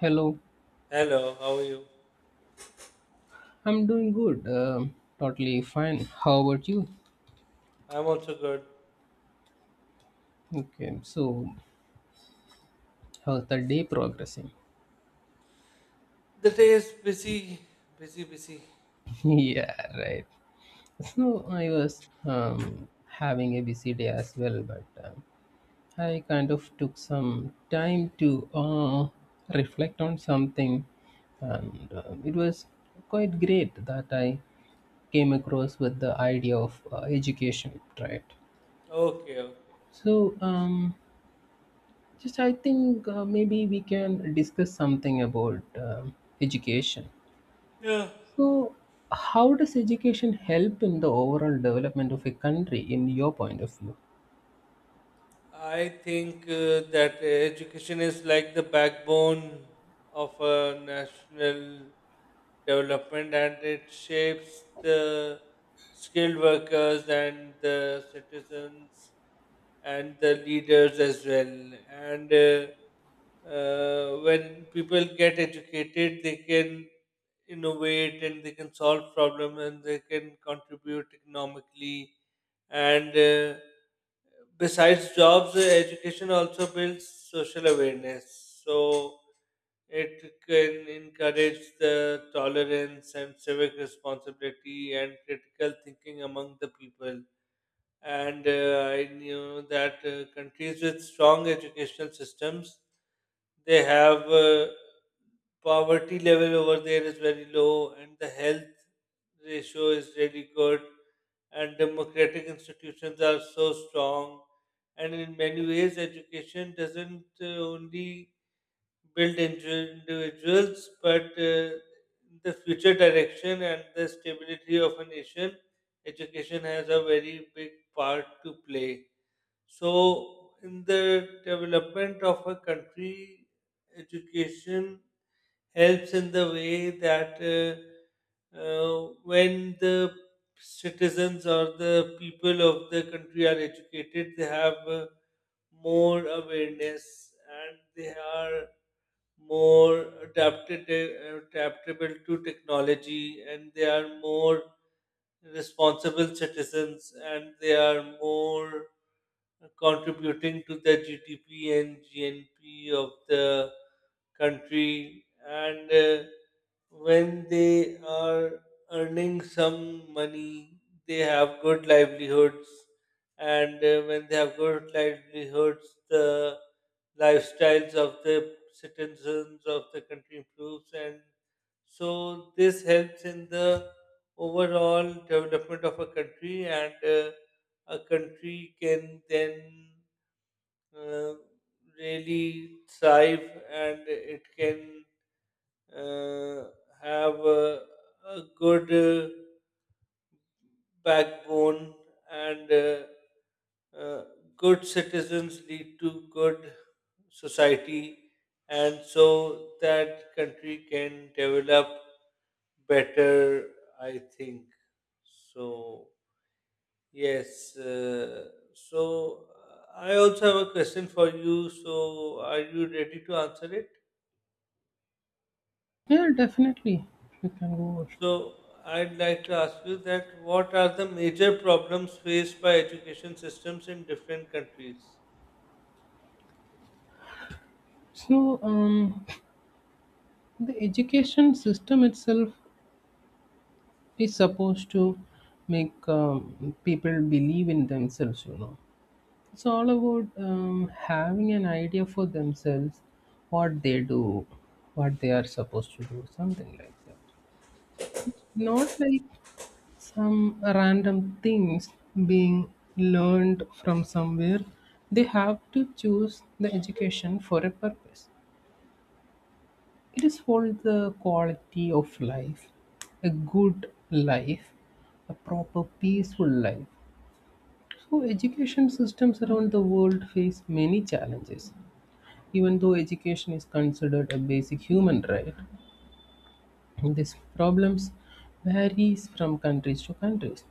Hello, Hello, how are you? I'm doing good, totally fine. How about you? I'm also good. Okay, so how's the day progressing? The day is busy, busy, busy. Yeah, right. So I was having a busy day as well, but I kind of took some time to reflect on something, and it was quite great that I came across with the idea of education, right? Okay, okay. So um, Just I think maybe we can discuss something about um education. Yeah, So, how does education help in the overall development of a country in your point of view? I think that education is like the backbone of a national development, and it shapes the skilled workers and the citizens and the leaders as well. And When people get educated, they can innovate and they can solve problems and they can contribute economically, and besides jobs, education also builds social awareness, so it can encourage the tolerance and civic responsibility and critical thinking among the people. And I knew that countries with strong educational systems, they have, poverty level over there is very low, and the health ratio is really good, and democratic institutions are so strong, and in many ways, education doesn't only build into individuals, but the future direction and the stability of a nation, education has a very big part to play. So, in the development of a country, education helps in the way that when the citizens or the people of the country are educated, they have, more awareness, and they are more adaptable to technology, and they are more responsible citizens, and they are more contributing to the GDP and GNP of the country, and when they are earning some money, they have good livelihoods, and when they have good livelihoods, the lifestyles of the citizens of the country improves, and so this helps in the overall development of a country, and a country can then uh, really thrive, and it can uh, have a good backbone, and uh, good citizens lead to good society, and so that country can develop better, I think so. Yes, so I also have a question for you. So are you ready to answer it? Yeah, definitely. You can go over. So I'd like to ask you that what are the major problems faced by education systems in different countries? So, the education system itself is supposed to make people believe in themselves, you know. It's all about having an idea for themselves, what they do, what they are supposed to do, something like that. Not like some random things being learned from somewhere. They have to choose the education for a purpose. It is for the quality of life, a good life, a proper peaceful life. So education systems around the world face many challenges. Even though education is considered a basic human right, these problems varies from countries to countries.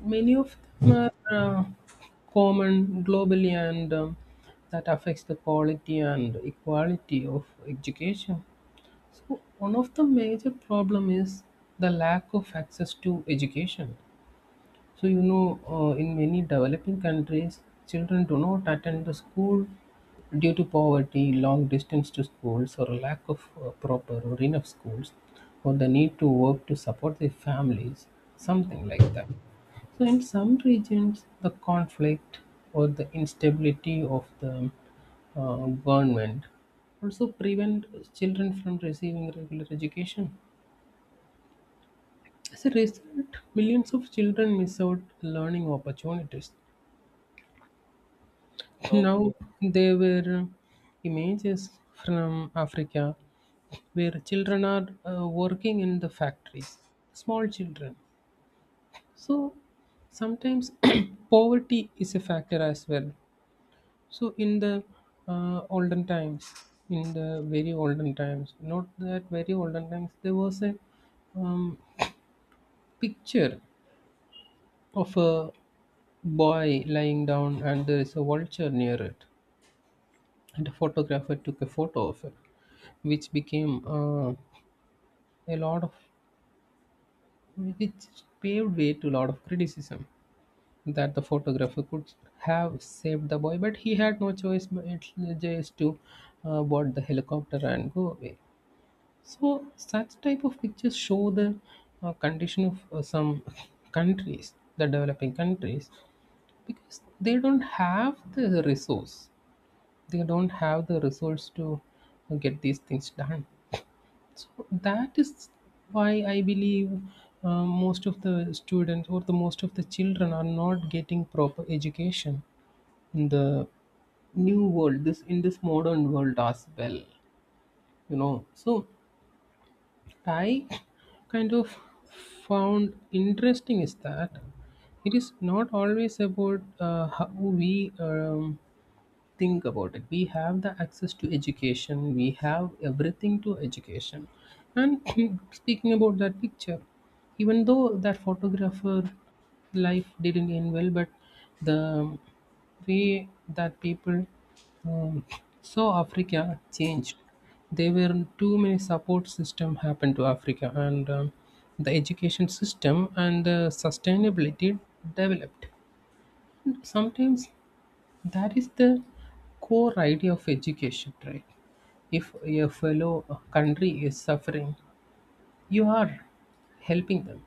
Many of them are common globally, and that affects the quality and equality of education. So one of the major problem is the lack of access to education. So, you know, in many developing countries, children do not attend the school due to poverty, long distance to schools, or lack of proper or enough schools, or the need to work to support their families, something like that. So, in some regions, the conflict or the instability of the government also prevent children from receiving regular education. As a result, millions of children miss out learning opportunities. Now Okay. there were images from Africa where children are working in the factories, small children. So sometimes poverty is a factor as well. So in the olden times, in the very olden times, not that very olden times, there was a um, picture of a boy lying down and there is a vulture near it, and a photographer took a photo of it, which became a lot of which paved way to a lot of criticism that the photographer could have saved the boy, but he had no choice but just to board the helicopter and go away. So such type of pictures show the condition of some countries, the developing countries, because they don't have the resource, they don't have the resource to get these things done. That is why I believe most of the students or the most of the children are not getting proper education in the new world this in this modern world as well, you know. So I kind of found interesting is that it is not always about how we um, think about it. We have the access to education, we have everything to education. And speaking about that picture, even though that photographer life didn't end well, but the way that people um, saw Africa changed. There were too many support system happened to Africa, and the education system and the sustainability developed. Sometimes that is the core idea of education, right? If a fellow country is suffering, you are helping them.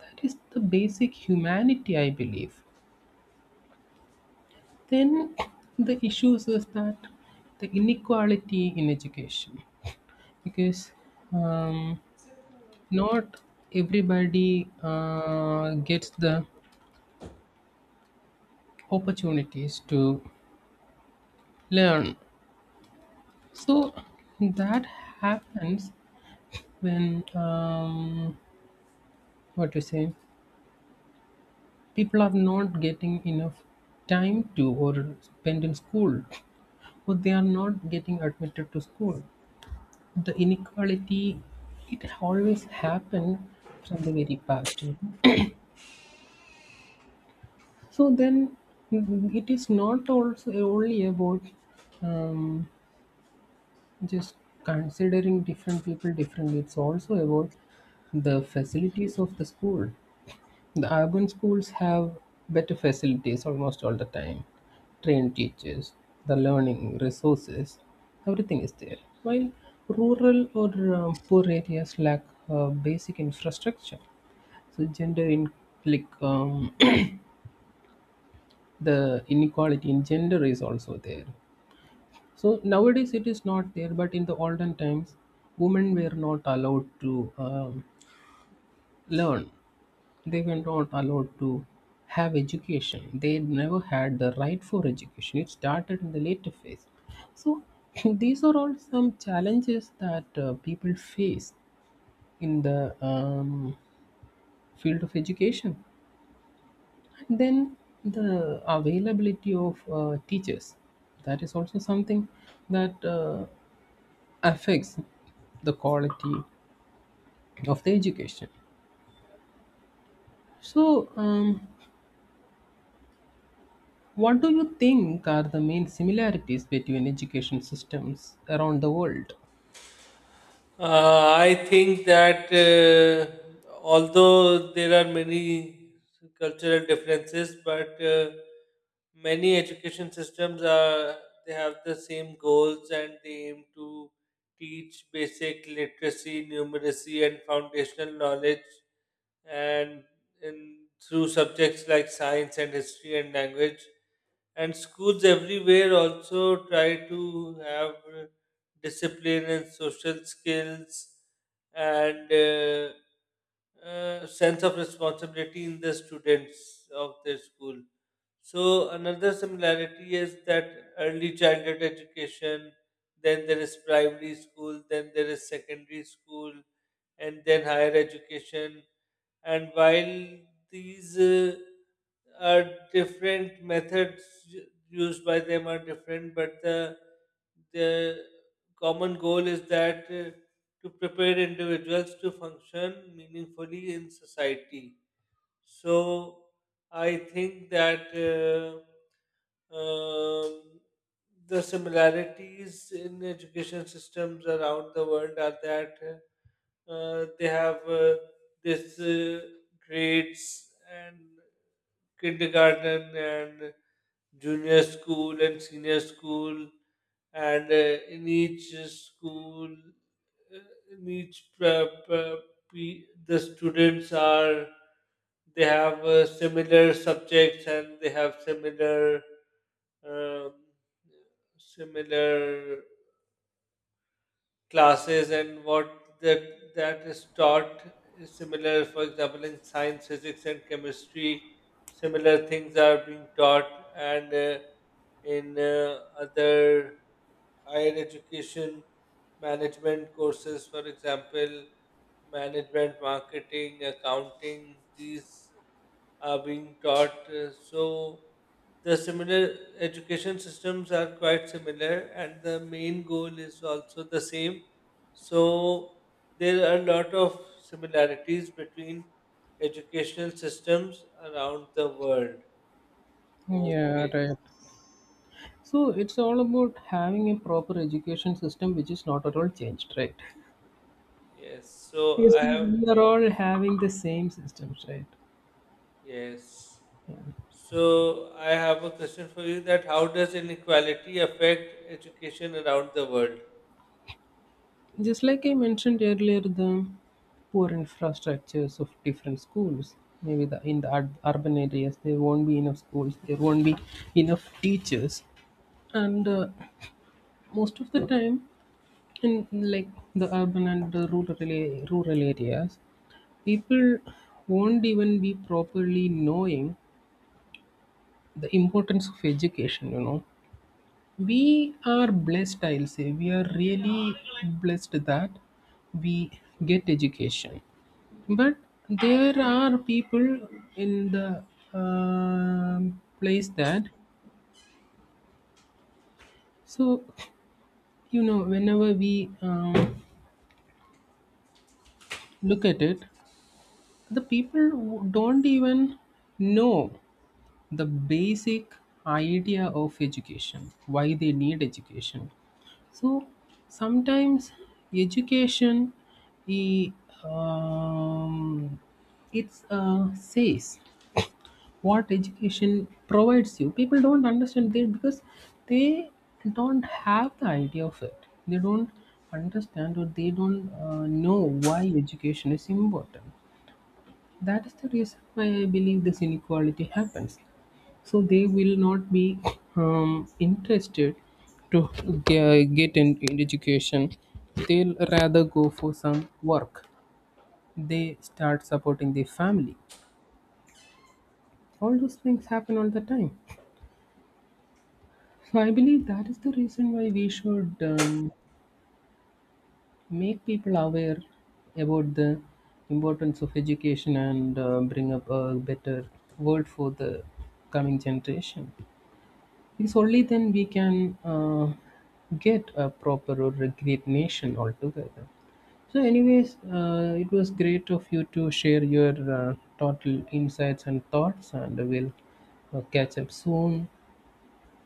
That is the basic humanity, I believe. Then the issues is that the inequality in education, because um, not everybody gets the opportunities to learn. So that happens when what you say, people are not getting enough time to or spend in school, or they are not getting admitted to school. The inequality, it always happened from the very past, you know. So then it is not also only about um, just considering different people differently. It's also about the facilities of the school. The urban schools have better facilities almost all the time. Trained teachers, the learning resources, everything is there. While rural or poor areas lack basic infrastructure. So gender in like the inequality in gender is also there. So nowadays it is not there, but in the olden times, women were not allowed to learn. They were not allowed to have education. They never had the right for education. It started in the later phase. So these are all some challenges that people face in the field of education. And then the availability of teachers. That is also something that affects the quality of the education. So um, What do you think are the main similarities between education systems around the world? I think that although there are many cultural differences, but many education systems, are they have the same goals and they aim to teach basic literacy, numeracy, and foundational knowledge, and in through subjects like science and history and language. And schools everywhere also try to have discipline and social skills and sense of responsibility in the students of their school. So another similarity is that early childhood education, then there is primary school, then there is secondary school, and then higher education. And while these are different methods used by them are different, but the common goal is that, to prepare individuals to function meaningfully in society. So I think that, um, the similarities in education systems around the world are that they have this grades and kindergarten and junior school and senior school, and in each school, uh, in each the students are, they have similar subjects, and they have similar, um, similar classes, and what that is taught is similar. For example, in science, physics and chemistry, similar things are being taught. And in other higher education management courses, for example, management, marketing, accounting, these are being taught. So the similar education systems are quite similar, and the main goal is also the same. So there are a lot of similarities between educational systems around the world. Yeah, Okay, right. So it's all about having a proper education system which is not at all changed, right? yes. So Because I we have. we are all having the same systems, right? Yes. So I have a question for you that how does inequality affect education around the world? Just like I mentioned earlier, the poor infrastructures of different schools. Maybe the, in the urban areas, there won't be enough schools, there won't be enough teachers. And most of the time, in like the urban and the rural areas, people won't even be properly knowing the importance of education, you know. We are blessed, I'll say we are really blessed that we get education. But there are people in the um place that, so, you know, whenever we um, look at it, the people don't even know the basic idea of education, why they need education. So sometimes education, I- um, it's says what education provides you. People don't understand that because they don't have the idea of it. They don't understand, or they don't know why education is important. That is the reason why I believe this inequality happens. So they will not be interested to get an education. They'll rather go for some work, they start supporting their family. All those things happen all the time. So I believe that is the reason why we should make people aware about the importance of education, and bring up a better world for the coming generation. Because only then we can get a proper or a great nation altogether. So, anyways, it was great of you to share your total insights and thoughts, and we'll catch up soon.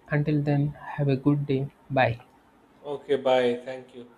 Until then, have a good day. Bye. Okay, bye. Thank you.